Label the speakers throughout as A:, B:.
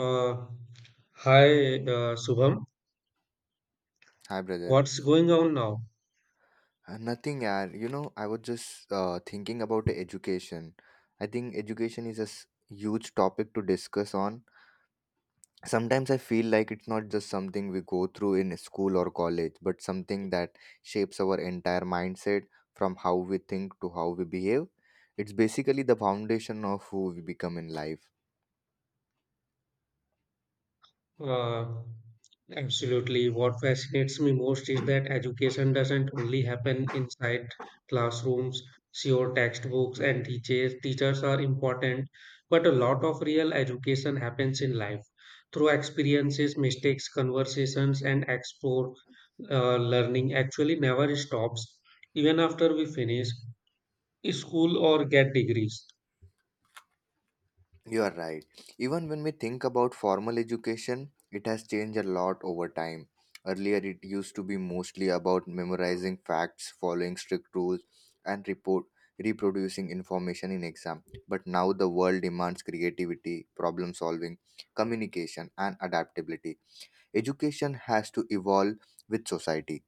A: Uh, hi, Shubham.
B: Hi, brother.
A: What's going on now?
B: Nothing, yaar. I was just thinking about the education. I think education is a huge topic to discuss on. Sometimes I feel like it's not just something we go through in school or college, but something that shapes our entire mindset from how we think to how we behave. It's basically the foundation of who we become in life.
A: Uh, absolutely. What fascinates me most is that education doesn't only happen inside classrooms. Sure, textbooks and teachers are important, but a lot of real education happens in life through experiences, mistakes, conversations, and explore learning actually never stops even after we finish school or get degrees.
B: You are right. Even when we think about formal education, it has changed a lot over time. Earlier, it used to be mostly about memorizing facts, following strict rules, and report reproducing information in exam. But now the world demands creativity, problem solving, communication, and adaptability. Education has to evolve with society.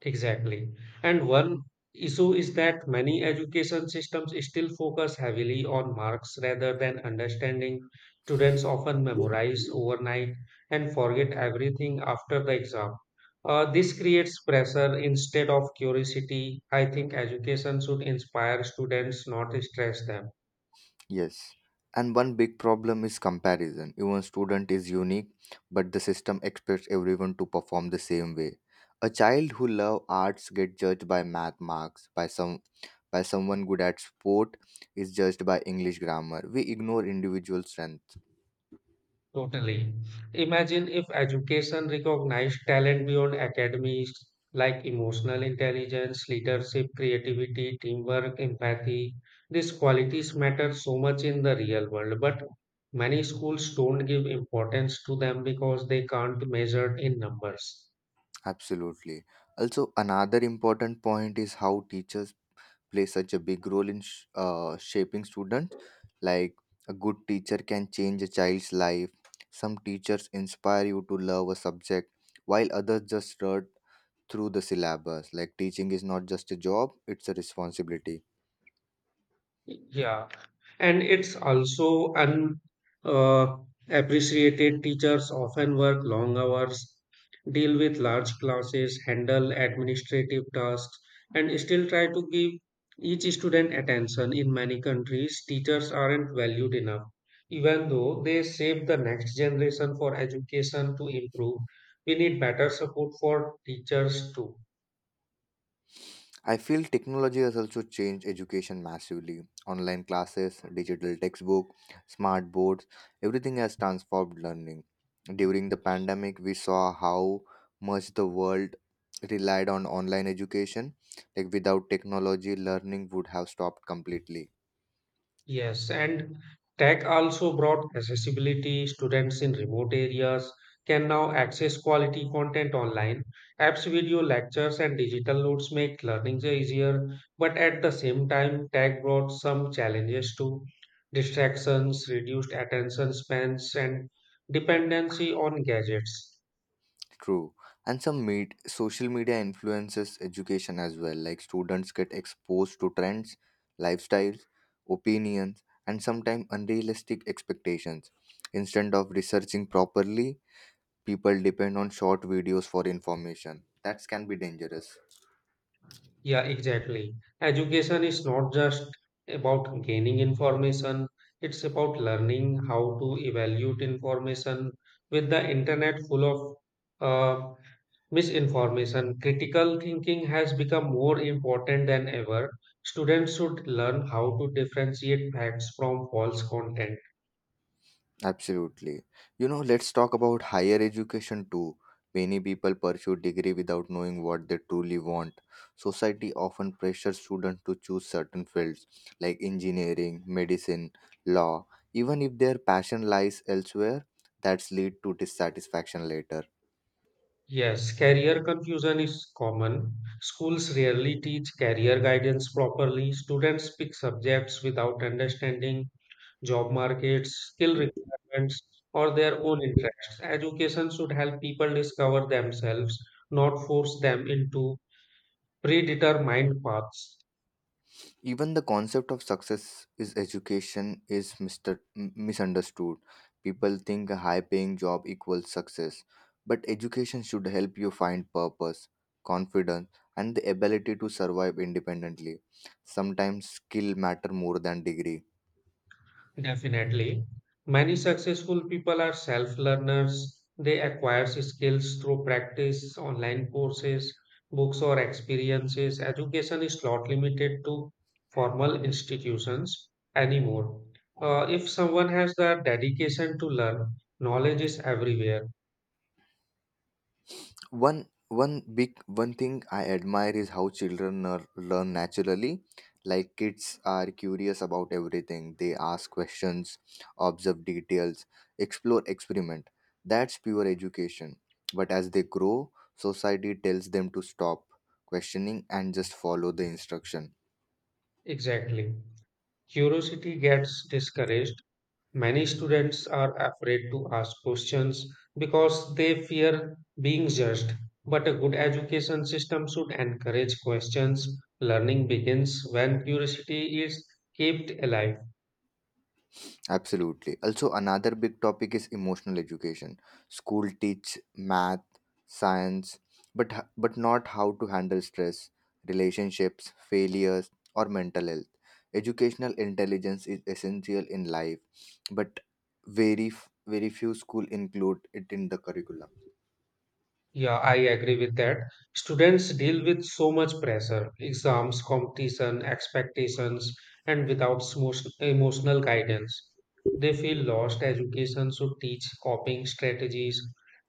A: Exactly. And one issue is that many education systems still focus heavily on marks rather than understanding. Students often memorize overnight and forget everything after the exam. This creates pressure instead of curiosity. I think education should inspire students, not stress them.
B: Yes. And one big problem is comparison. Even student is unique, but the system expects everyone to perform the same way. A child who love arts get judged by math marks, by someone good at sport is judged by English grammar. We ignore individual strength.
A: Totally. Imagine if education recognized talent beyond academies like emotional intelligence, leadership, creativity, teamwork, empathy. These qualities matter so much in the real world, but many schools don't give importance to them because they can't measure in numbers.
B: Absolutely. Also, another important point is how teachers play such a big role in shaping students. Like a good teacher can change a child's life. Some teachers inspire you to love a subject, while others just run through the syllabus. Like teaching is not just a job, it's a responsibility.
A: Yeah, and it's also un uh, appreciated. Teachers often work long hours, deal with large classes, handle administrative tasks, and still try to give each student attention. In many countries, teachers aren't valued enough, even though they shape the next generation for education to improve. We need better support for teachers too.
B: I feel technology has also changed education massively. Online classes, digital textbook, smart boards, everything has transformed learning. During the pandemic, we saw how much the world relied on online education. Like without technology, learning would have stopped completely.
A: Yes, and tech also brought accessibility. Students in remote areas can now access quality content online. Apps, video lectures, and digital notes make learning easier, but at the same time, tech brought some challenges too. Distractions, reduced attention spans, and dependency on gadgets.
B: True. And some meet social media influences education as well. Like students get exposed to trends, lifestyles, opinions, and sometimes unrealistic expectations. Instead of researching properly, people depend on short videos for information. That can be dangerous.
A: Yeah, exactly. Education is not just about gaining information, it's about learning how to evaluate information. With the internet full of uh, misinformation, critical thinking has become more important than ever. Students should learn how to differentiate facts from false content.
B: Absolutely. Let's talk about higher education too. Many people pursue degree without knowing what they truly want. Society often pressures students to choose certain fields like engineering, medicine, law, even if their passion lies elsewhere, that's lead to dissatisfaction later.
A: Yes, career confusion is common. Schools rarely teach career guidance properly. Students pick subjects without understanding job markets, skill requirements, or their own interests. Education should help people discover themselves, not force them into predetermined paths.
B: Even the concept of success is education is misunderstood. People think a high paying job equals success, but education should help you find purpose, confidence, and the ability to survive independently. Sometimes skill matter more than degree.
A: Definitely. Many successful people are self learners. They acquire skills through practice, online courses, books, or experiences. Education is not limited to formal institutions anymore. If someone has the dedication to learn, knowledge is everywhere.
B: One thing I admire is how children are, learn naturally. Like kids are curious about everything. They ask questions, observe details, explore, experiment. That's pure education. But as they grow, society tells them to stop questioning and just follow the instruction.
A: Exactly. Curiosity gets discouraged. Many students are afraid to ask questions because they fear being judged. But a good education system should encourage questions. Learning begins when curiosity is kept alive.
B: Absolutely. Also, another big topic is emotional education. School teach math, science, but but not how to handle stress, relationships, failures, or mental health. Educational intelligence is essential in life, but very f- very few school include it in the curriculum.
A: Yeah, I agree with that. Students deal with so much pressure, exams, competition, expectations, and without emotional guidance. They feel lost. Education should teach coping strategies,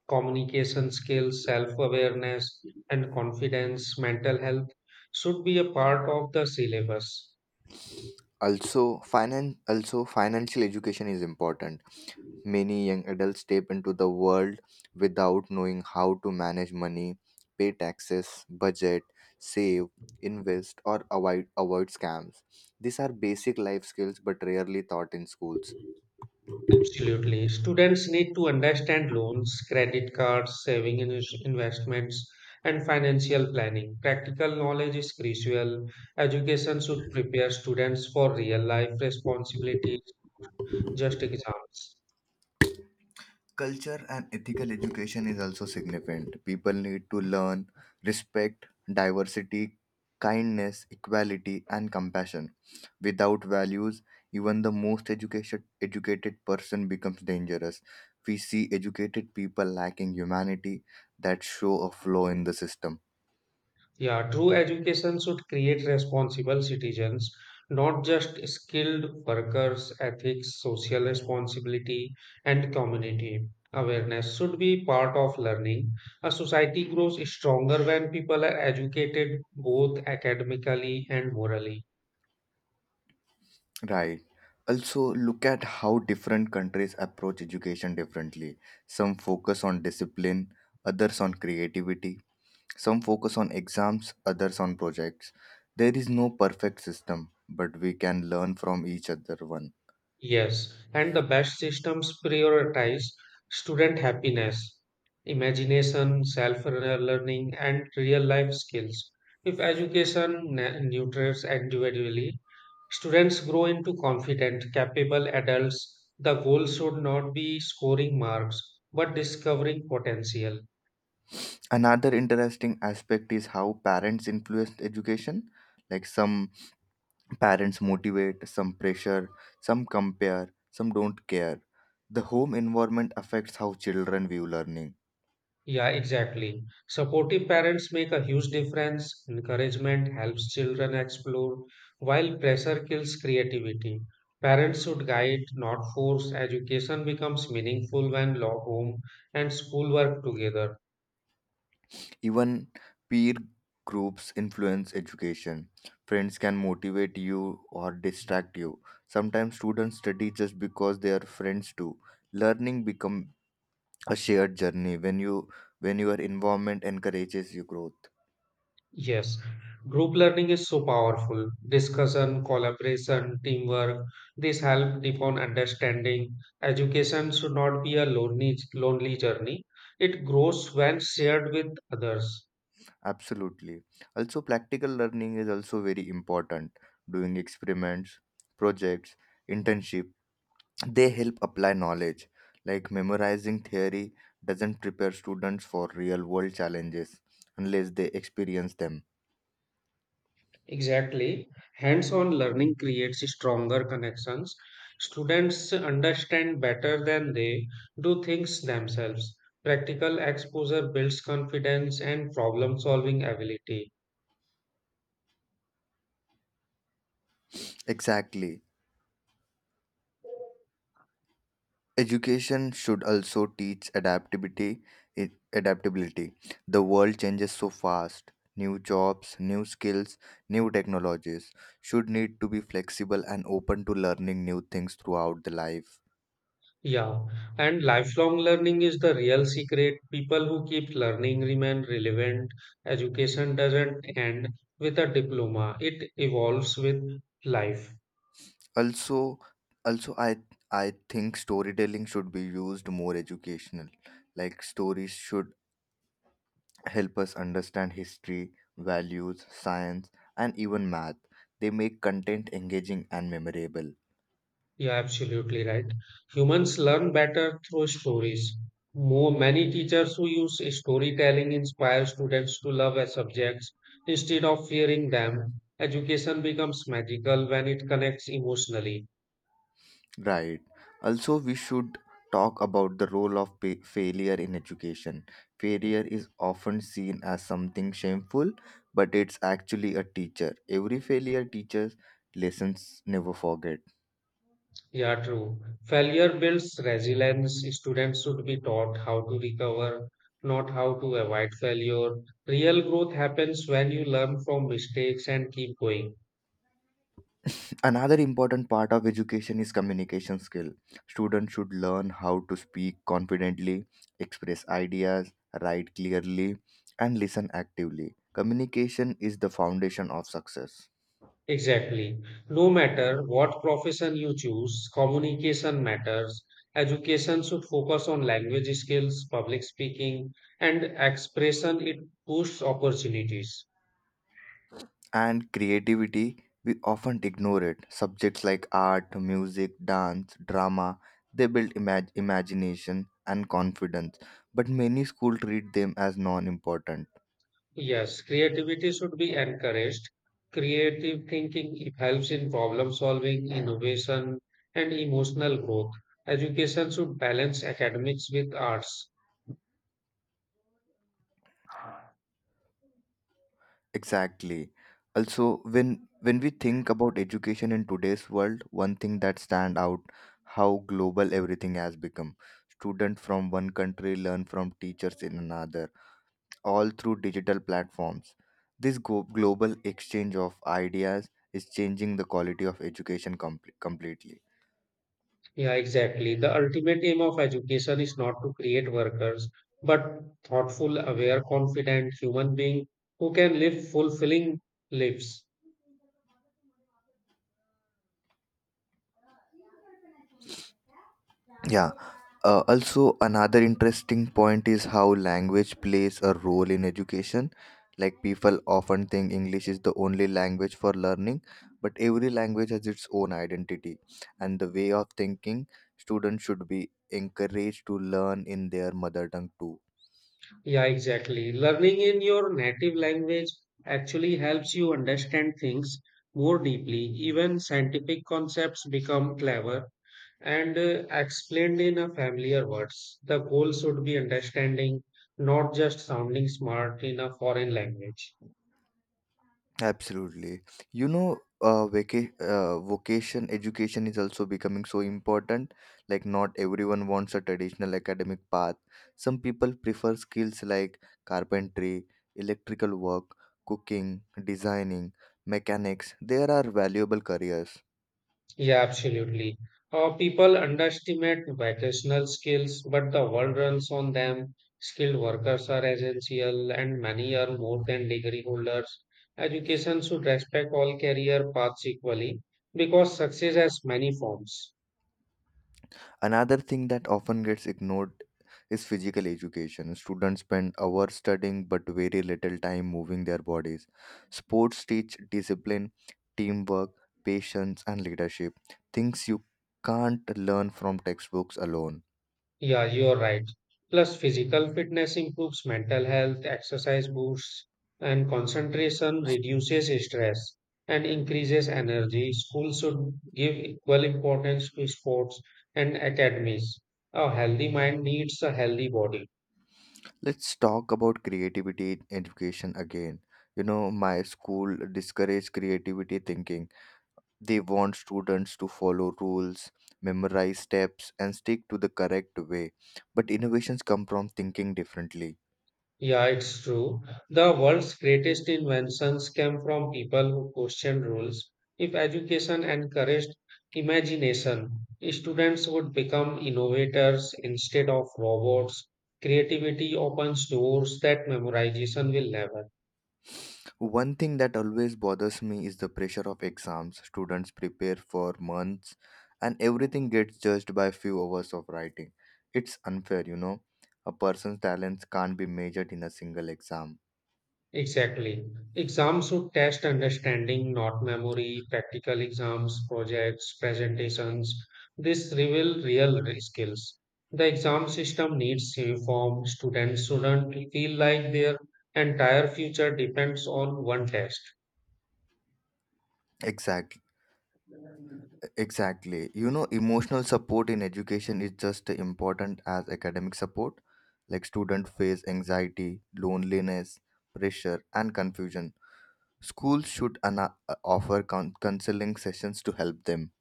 A: communication skills, self awareness, and confidence. Mental health should be a part of the syllabus.
B: Also, also financial education is important. Many young adults step into the world without knowing how to manage money, pay taxes, budget, save, invest, or avoid scams. These are basic life skills but rarely taught in schools.
A: Absolutely. Students need to understand loans, credit cards, saving and investments, and financial planning. Practical knowledge is crucial. Education should prepare students for real life responsibilities, just exams.
B: Culture and ethical education is also significant. People need to learn respect, diversity, kindness, equality, and compassion. Without values, even the educated person becomes dangerous. We see educated people lacking humanity that show a flaw in the system.
A: Yeah, true education should create responsible citizens, not just skilled workers, ethics, social responsibility, and community. Awareness should be part of learning. A society grows stronger when people are educated both academically and morally.
B: Right. Also, look at how different countries approach education differently. Some focus on discipline, others on creativity, some focus on exams, others on projects. There is no perfect system, but we can learn from each other one.
A: Yes, and the best systems prioritize student happiness, imagination, self learning, and real life skills. If education nurtures individually, students grow into confident, capable adults. The goal should not be scoring marks, but discovering potential.
B: Another interesting aspect is how parents influence education. Like some parents motivate, some pressure, some compare, some don't care. The home environment affects how children view learning.
A: Yeah, exactly. Supportive parents make a huge difference. Encouragement helps children explore, while pressure kills creativity. Parents should guide, not force. Education becomes meaningful when law, home, and school work together.
B: Even peer groups influence education. Friends can motivate you or distract you. Sometimes students study just because their friends do. Learning become a shared journey when your environment encourages your growth.
A: Yes, group learning is so powerful. Discussion, collaboration, teamwork, this help deepen understanding. Education should not be a lonely journey. It grows when shared with others.
B: Absolutely. Also practical learning is also very important. Doing experiments, projects, internships they help apply knowledge like memorizing theory doesn't prepare students for real world challenges unless they experience them.
A: Exactly. Hands-on learning creates stronger connections. Students understand better than they do things themselves. Practical exposure builds confidence and problem-solving ability.
B: Exactly. Education should also teach adaptability, adaptability. The world changes so fast, new jobs, new skills, new technologies, should need to be flexible and open to learning new things throughout the life.
A: Yeah, and lifelong learning is the real secret. People who keep learning remain relevant. Education doesn't end with a diploma, it evolves with life.
B: also also, I think storytelling should be used more educational. Like stories should help us understand history, values, science, and even math. They make content engaging and memorable.
A: Yeah, absolutely right. Humans learn better through stories. More many teachers who use storytelling inspire students to love as subjects instead of fearing them. Education becomes magical when it connects emotionally.
B: Right. Also, we should talk about the role of failure in education. Failure is often seen as something shameful, but it's actually a teacher. Every failure teaches lessons never forget.
A: Yeah, true. Failure builds resilience. Students should be taught how to recover, not how to avoid failure. Real growth happens when you learn from mistakes and keep going.
B: Another important part of education is communication skill. Students should learn how to speak confidently, express ideas, write clearly, and listen actively. Communication is the foundation of success.
A: Exactly. No matter what profession you choose, communication matters. Education should focus on language skills, public speaking, and expression. It boosts opportunities.
B: And creativity, we often ignore it. Subjects like art, music, dance, drama, they build imagination and confidence, but many schools treat them as non important.
A: Yes, creativity should be encouraged. Creative thinking it helps in problem solving, innovation, and emotional growth. Education should balance academics with arts.
B: Exactly. Also, when we think about education in today's world, one thing that stand out how global everything has become. Student from one country learn from teachers in another, all through digital platforms. This global exchange of ideas is changing the quality of education completely.
A: Yeah, exactly. The ultimate aim of education is not to create workers, but thoughtful, aware, confident human being who can live fulfilling lives.
B: Yeah. Also, another interesting point is how language plays a role in education. Like, people often think English is the only language for learning, but every language has its own identity and the way of thinking. Students should be encouraged to learn in their mother tongue too.
A: Yeah, exactly. Learning in your native language actually helps you understand things more deeply. Even scientific concepts become clever and explained in a familiar words. The goal should be understanding, not just sounding smart in a foreign language.
B: Absolutely. You know, Vocation education is also becoming so important. Like, not everyone wants a traditional academic path. Some people prefer skills like carpentry, electrical work, cooking, designing, mechanics. There are valuable careers.
A: Yeah, absolutely. People underestimate vocational skills, but the world runs on them. Skilled workers are essential, and many are more than degree holders. Education should respect all career paths equally because success has many forms.
B: Another thing that often gets ignored is physical education. Students spend hours studying but very little time moving their bodies. Sports teach discipline, teamwork, patience, and leadership, things you can't learn from textbooks alone.
A: Yeah, you're right. Plus, physical fitness improves mental health, exercise boosts, and concentration reduces stress and increases energy. Schools should give equal importance to sports and academies. A healthy mind needs a healthy body.
B: Let's talk about creativity in education again. You know, my school discouraged creativity thinking. They want students to follow rules, memorize steps, and stick to the correct way. But innovations come from thinking differently.
A: Yeah, it's true. The world's greatest inventions came from people who questioned rules. If education encouraged imagination, students would become innovators instead of robots. Creativity opens doors that memorization will never.
B: One thing that always bothers me is the pressure of exams. Students prepare for months and everything gets judged by few hours of writing. It's unfair, you know. A person's talents can't be measured in a single exam.
A: Exactly. Exams should test understanding, not memory, practical exams, projects, presentations. This reveal real skills. The exam system needs uniform. Students shouldn't feel like their entire future depends on one test.
B: Exactly Exactly. You know, emotional support in education is just as important as academic support. Like students face anxiety, loneliness, pressure, and confusion. Schools should offer counseling sessions to help them.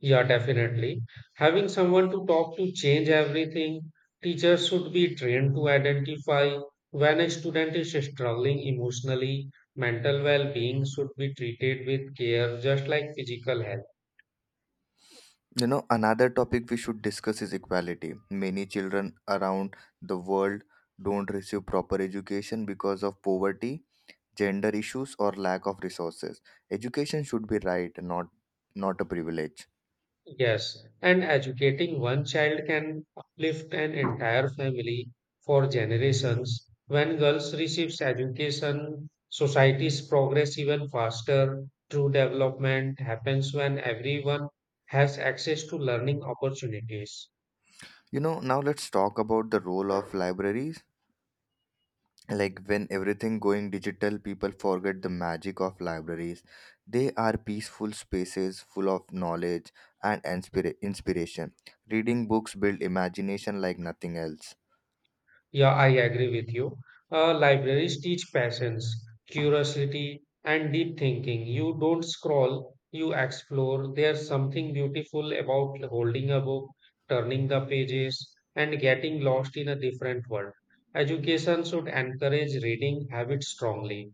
A: Yeah, definitely. Having someone to talk to change everything. Teachers should be trained to identify when a student is struggling emotionally. Mental well-being should be treated with care, just like physical health.
B: You know, another topic we should discuss is equality. Many children around the world don't receive proper education because of poverty, gender issues, or lack of resources. Education should be right, not a privilege.
A: Yes, and educating one child can uplift an entire family for generations. When girls receives education, societies progress even faster. True development happens when everyone has access to learning opportunities.
B: You know, now let's talk about the role of libraries. Like when everything going digital, people forget the magic of libraries. They are peaceful spaces full of knowledge and inspiration. Reading books build imagination like nothing else.
A: Yeah, I agree with you. Libraries teach patience, curiosity, and deep thinking. You don't scroll, you explore. There's something beautiful about holding a book, turning the pages, and getting lost in a different world. Education should encourage reading habits strongly.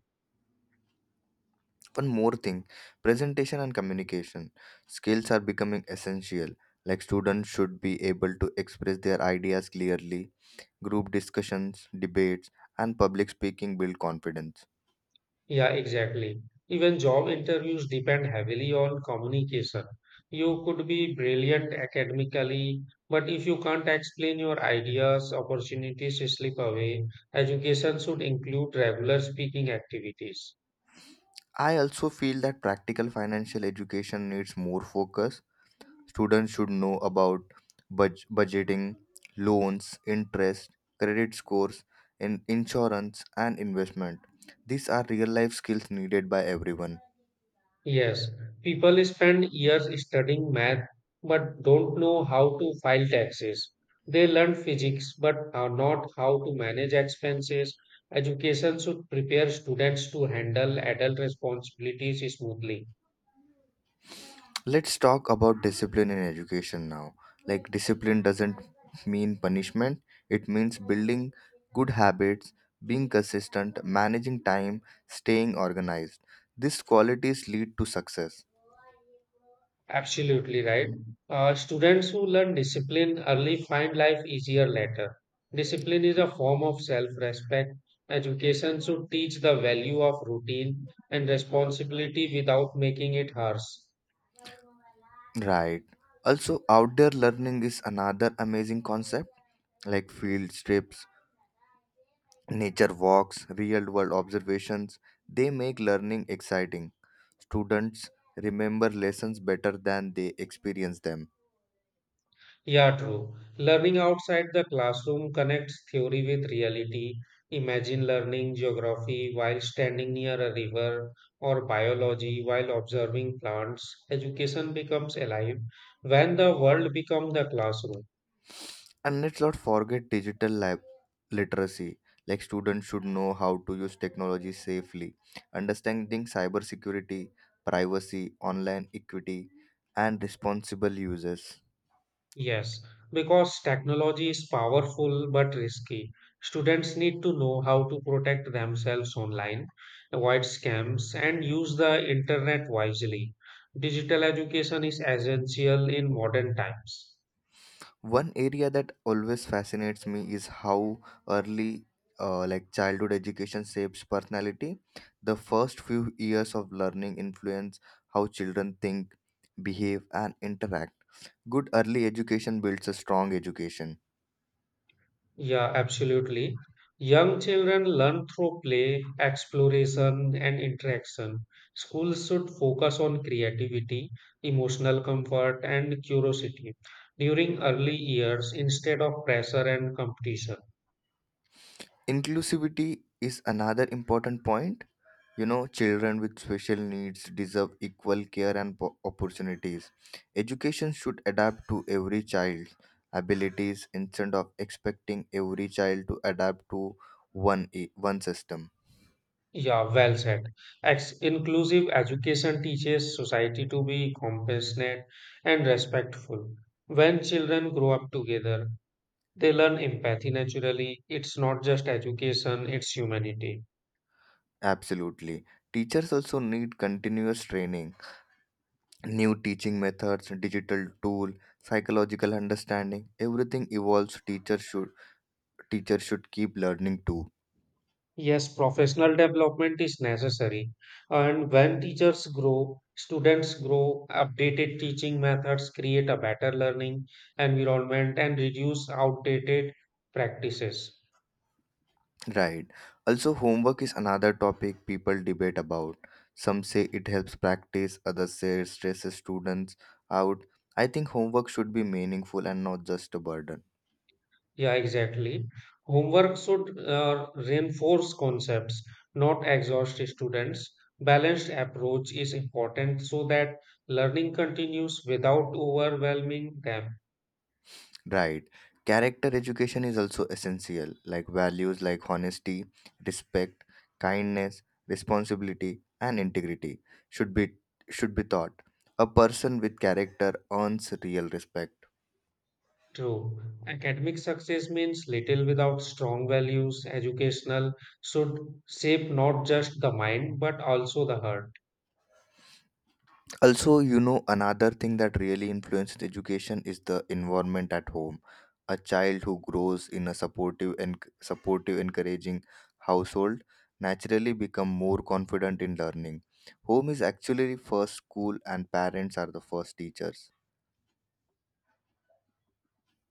B: One more thing, presentation and communication skills are becoming essential. Like students should be able to express their ideas clearly. Group discussions, debates, and public speaking build confidence.
A: Yeah, exactly. Even job interviews depend heavily on communication. You could be brilliant academically, but if you can't explain your ideas, opportunities slip away. Education should include regular speaking activities.
B: I also feel that practical financial education needs more focus. Students should know about budgeting, loans, interest, credit scores, insurance, and investment. These are real life skills needed by everyone.
A: Yes, people spend years studying math but don't know how to file taxes. They learn physics but are not how to manage expenses. Education should prepare students to handle adult responsibilities smoothly.
B: Let's talk about discipline in education now. Like, discipline doesn't mean punishment, it means building good habits, being consistent, managing time, staying organized. These qualities lead to success.
A: Absolutely right. Students who learn discipline early find life easier later. Discipline is a form of self-respect. Education should teach the value of routine and responsibility without making it harsh.
B: Right. Also, outdoor learning is another amazing concept, like field trips, nature walks, real world observations. They make learning exciting. Students remember lessons better than they experience them.
A: Yeah, true. Learning outside the classroom connects theory with reality. Imagine learning geography while standing near a river or biology while observing plants. Education becomes alive when the world becomes the classroom.
B: And let's not forget digital lab literacy. Like students should know how to use technology safely, understanding cybersecurity, privacy, online equity, and responsible uses.
A: Yes, because technology is powerful but risky. Students need to know how to protect themselves online, avoid scams, and use the internet wisely. Digital education is essential in modern times.
B: One area that always fascinates me is how early, like childhood education shapes personality. The first few years of learning influence how children think, behave, and interact. Good early education builds a strong education.
A: Yeah, absolutely. Young children learn through play, exploration, and interaction. Schools should focus on creativity, emotional comfort, and curiosity during early years instead of pressure and competition.
B: Inclusivity is another important point. You know, children with special needs deserve equal care and opportunities. Education should adapt to every child's abilities instead of expecting every child to adapt to one system.
A: Yeah, well said. Ex Inclusive education teaches society to be compassionate and respectful. When children grow up together, they learn empathy naturally. It's not just education, it's humanity.
B: Absolutely. Teachers also need continuous training, new teaching methods, digital tool, psychological understanding. Everything evolves. Teachers should keep learning too.
A: Yes, professional development is necessary. And when teachers grow, students grow, updated teaching methods create a better learning environment and reduce outdated practices.
B: Right. Also, homework is another topic people debate about. Some say it helps practice, others say it stresses students out. I think homework should be meaningful and not just a burden.
A: Yeah, exactly. Homework should reinforce concepts, not exhaust students. Balanced approach is important so that learning continues without overwhelming them.
B: Right. Character education is also essential, like values like honesty, respect, kindness, responsibility, and integrity should be should be taught. A person with character earns real respect.
A: True. Academic success means little without strong values. Educational should shape not just the mind but also the heart.
B: Also, you know, another thing that really influences education is the environment at home. A child who grows in a supportive, encouraging household naturally become more confident in learning. Home is actually first school, and parents are the first teachers.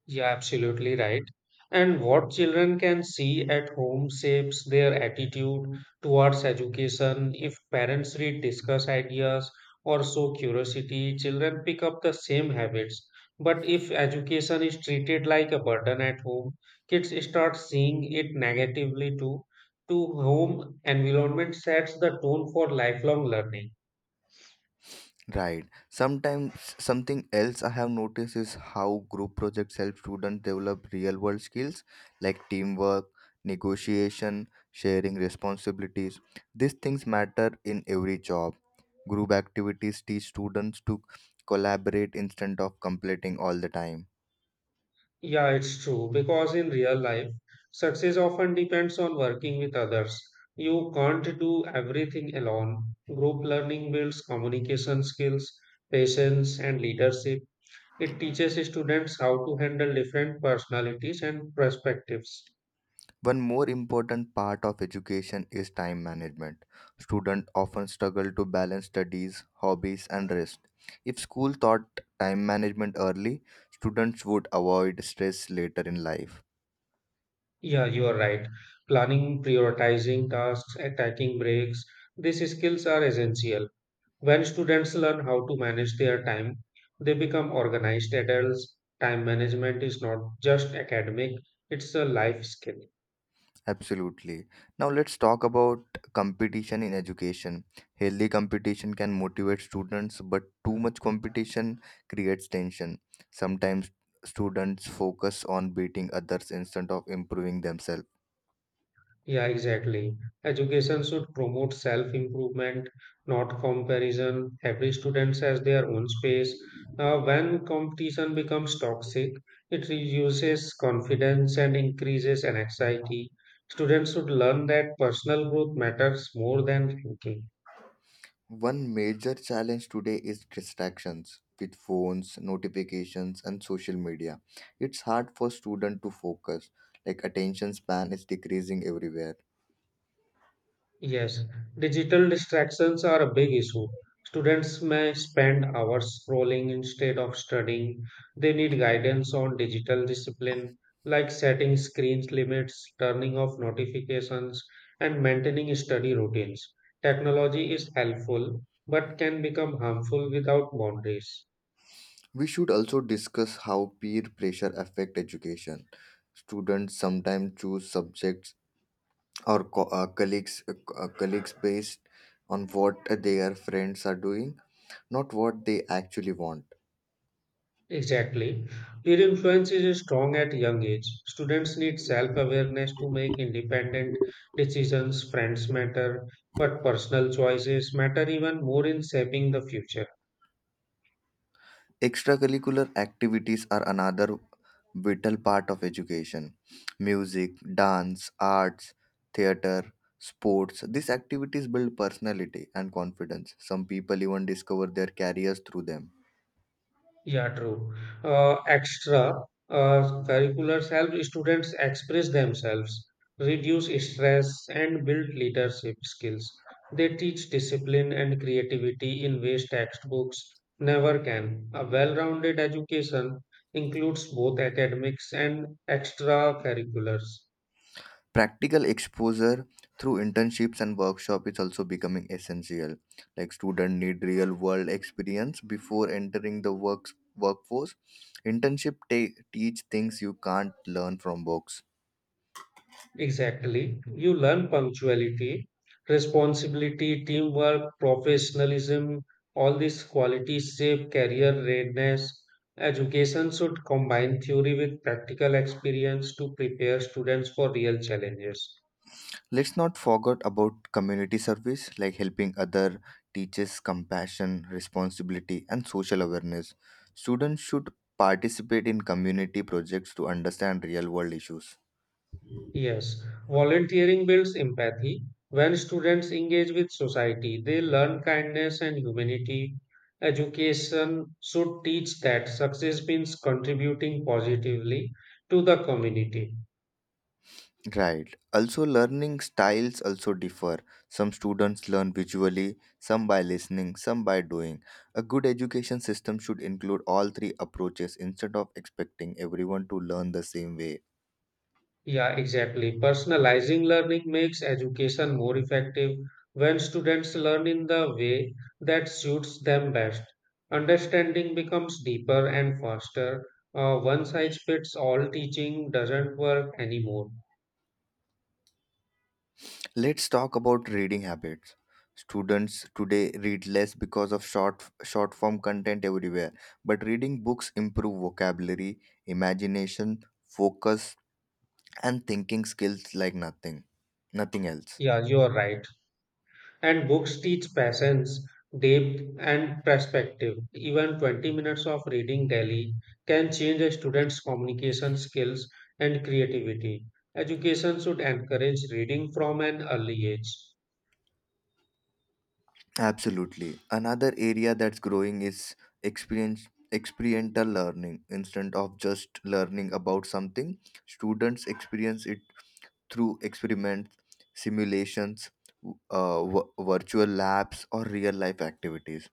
A: Yeah, absolutely right. And what children can see at home shapes their attitude towards education. If parents read, discuss ideas, or show curiosity, children pick up the same habits. But if education is treated like a burden at home, kids start seeing it negatively too. To home environment sets the tone for lifelong learning.
B: Right. Sometimes something else I have noticed is how group projects help students develop real world skills like teamwork, negotiation, sharing responsibilities. These things matter in every job. Group activities teach students to collaborate instead of completing all the time.
A: Yeah, it's true because in real life, success often depends on working with others. You can't do everything alone. Group learning builds communication skills, patience, and leadership. It teaches students how to handle different personalities and perspectives.
B: One more important part of education is time management. Students often struggle to balance studies, hobbies, and rest. If school taught time management early, students would avoid stress later in life.
A: Yeah, you are right. Planning, prioritizing tasks, and taking breaks, these skills are essential. When students learn how to manage their time, they become organized adults. Time management is not just academic, it's a life skill.
B: Absolutely. Now let's talk about competition in education. Healthy competition can motivate students, but too much competition creates tension. Sometimes students focus on beating others instead of improving themselves.
A: Yeah, exactly. Education should promote self improvement, not comparison. Every student has their own space. When competition becomes toxic, it reduces confidence and increases anxiety. Students should learn that personal growth matters more than ranking.
B: One major challenge today is distractions with phones, notifications, and social media. It's hard for students to focus, like attention span is decreasing everywhere.
A: Yes, digital distractions are a big issue. Students may spend hours scrolling instead of studying. They need guidance on digital discipline, like setting screens limits, turning off notifications, and maintaining study routines. Technology is helpful, but can become harmful without boundaries.
B: We should also discuss how peer pressure affect education. Students sometimes choose subjects or colleagues based on what their friends are doing, not what they actually want.
A: Exactly. Peer influence is strong at young age. Students need self-awareness to make independent decisions. Friends matter, but personal choices matter even more in shaping the future.
B: Extracurricular activities are another vital part of education. Music, dance, arts, theater, sports. These activities build personality and confidence. Some people even discover their careers through them.
A: Yeah, true. Extra Curriculars help students express themselves, reduce stress, and build leadership skills. They teach discipline and creativity in ways textbooks never can. A well-rounded education includes both academics and extracurriculars.
B: Practical exposure through internships and workshop is also becoming essential. Like students need real world experience before entering the works workforce. Internship teach things you can't learn from books.
A: Exactly. You learn punctuality, responsibility, teamwork, professionalism, all these qualities shape career readiness. Education should combine theory with practical experience to prepare students for real challenges.
B: Let's not forget about community service like helping other teaches compassion, responsibility and social awareness. Students should participate in community projects to understand real world issues.
A: Yes, volunteering builds empathy. When students engage with society, they learn kindness and humanity. Education should teach that success means contributing positively to the community.
B: Right. Also learning styles also differ. Some students learn visually, some by listening, some by doing. A good education system should include all three approaches instead of expecting everyone to learn the same way.
A: Yeah, exactly. Personalizing learning makes education more effective when students learn in the way that suits them best. Understanding becomes deeper and faster. One size fits all teaching doesn't work anymore.
B: Let's talk about reading habits. Students today read less because of short form content everywhere, but reading books improve vocabulary, imagination, focus and thinking skills like nothing else.
A: Yeah, you are right. And books teach patience, depth, and perspective. Even 20 minutes of reading daily can change a student's communication skills and creativity. Education should encourage reading from an early age.
B: Absolutely. Another area that's growing is experience experiential learning instead of just learning about something students experience it through experiments, simulations, virtual labs, or real life activities.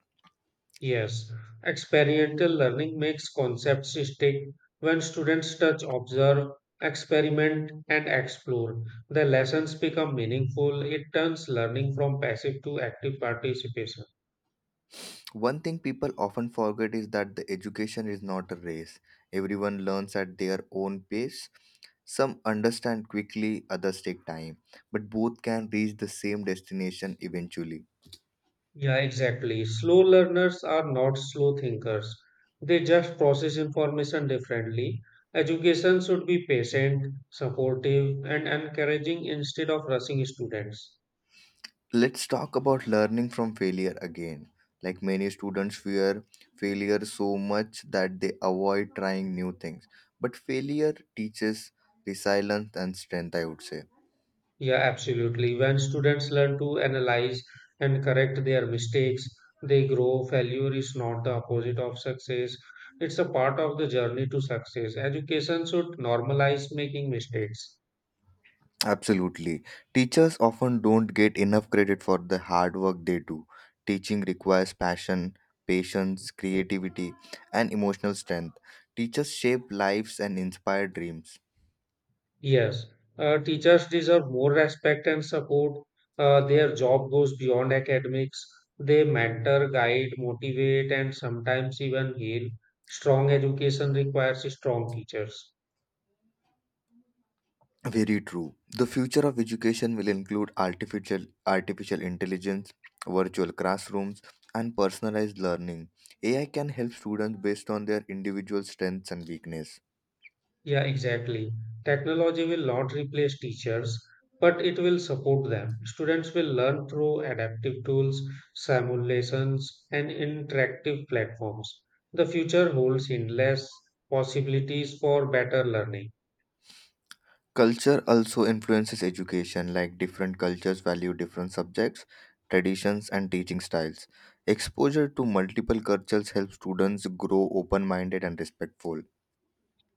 A: Yes, experiential learning makes concepts stick when students touch, observe, experiment, and explore. The lessons become meaningful. It turns learning from passive to active participation.
B: One thing people often forget is that the education is not a race. Everyone learns at their own pace. Some understand quickly, others take time, but both can reach the same destination eventually.
A: Yeah, exactly. Slow learners are not slow thinkers. They just process information differently. Education should be patient, supportive, and encouraging instead of rushing students.
B: Let's talk about learning from failure again. Like many students fear failure so much that they avoid trying new things. But failure teaches resilience and strength, I would say.
A: Yeah, absolutely. When students learn to analyze and correct their mistakes, they grow. Failure is not the opposite of success, it's a part of the journey to success. Education should normalize making mistakes.
B: Absolutely. Teachers often don't get enough credit for the hard work they do. Teaching requires passion, patience, creativity, and emotional strength. Teachers shape lives and inspire dreams.
A: Yes, teachers deserve more respect and support. Their job goes beyond academics. They mentor, guide, motivate, and sometimes even heal. Strong education requires strong teachers.
B: Very true. The future of education will include artificial intelligence, virtual classrooms, and personalized learning. AI can help students based on their individual strengths and weakness.
A: Yeah, exactly. Technology will not replace teachers, but it will support them. Students will learn through adaptive tools, simulations, and interactive platforms. The future holds endless possibilities for better learning.
B: Culture also influences education, like different cultures value different subjects, traditions, and teaching styles. Exposure to multiple cultures helps students grow open minded and respectful.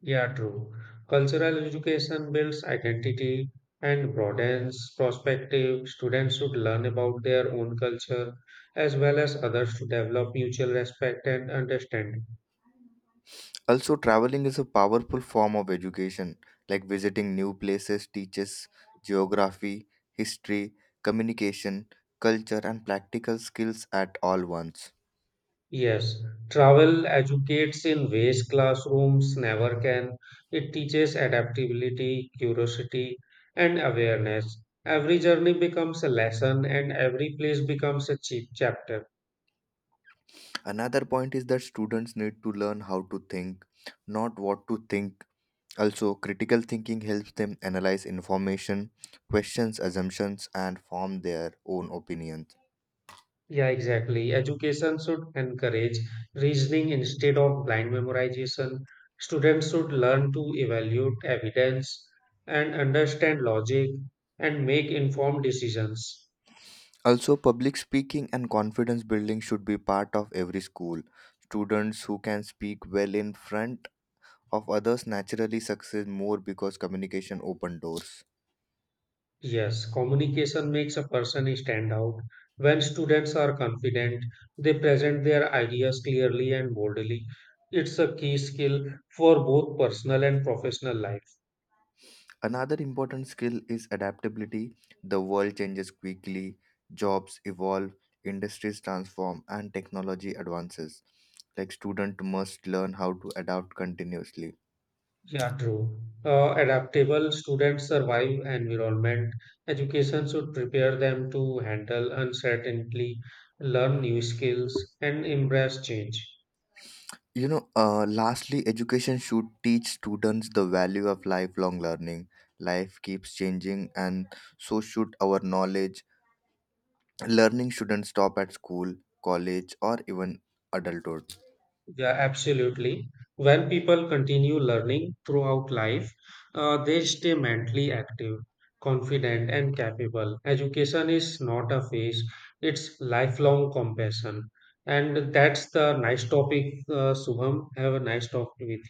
A: Yeah, true. Cultural education builds identity and broadens perspective. Students should learn about their own culture as well as others to develop mutual respect and understanding.
B: Also, traveling is a powerful form of education, like visiting new places teaches geography, history, communication, culture, and practical skills at all once.
A: Yes, travel educates in ways classrooms never can. It teaches adaptability, curiosity, and awareness. Every journey becomes a lesson, and every place becomes a cheap chapter.
B: Another point is that students need to learn how to think, not what to think. Also, critical thinking helps them analyze information, questions assumptions, and form their own opinions.
A: Yeah, exactly. Education should encourage reasoning instead of blind memorization. Students should learn to evaluate evidence and understand logic and make informed decisions.
B: Also, public speaking and confidence building should be part of every school. Students who can speak well in front of others naturally succeed more because communication open doors.
A: Yes, communication makes a person stand out. When students are confident, they present their ideas clearly and boldly. It's a key skill for both personal and professional life.
B: Another important skill is adaptability. The world changes quickly, jobs evolve, industries transform, and technology advances. Like student must learn how to adapt continuously.
A: Yeah, true. Adaptable students survive environment. Education should prepare them to handle uncertainty, learn new skills, and embrace change.
B: Lastly, education should teach students the value of lifelong learning. Life keeps changing, and so should our knowledge. Learning shouldn't stop at school, college, or even adulthood.
A: Yeah, absolutely. When people continue learning throughout life, they stay mentally active, confident, and capable. Education is not a phase, it's lifelong compassion. And that's the nice topic, Subham. Have a nice talk with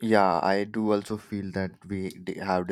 B: Yeah, I do also feel that have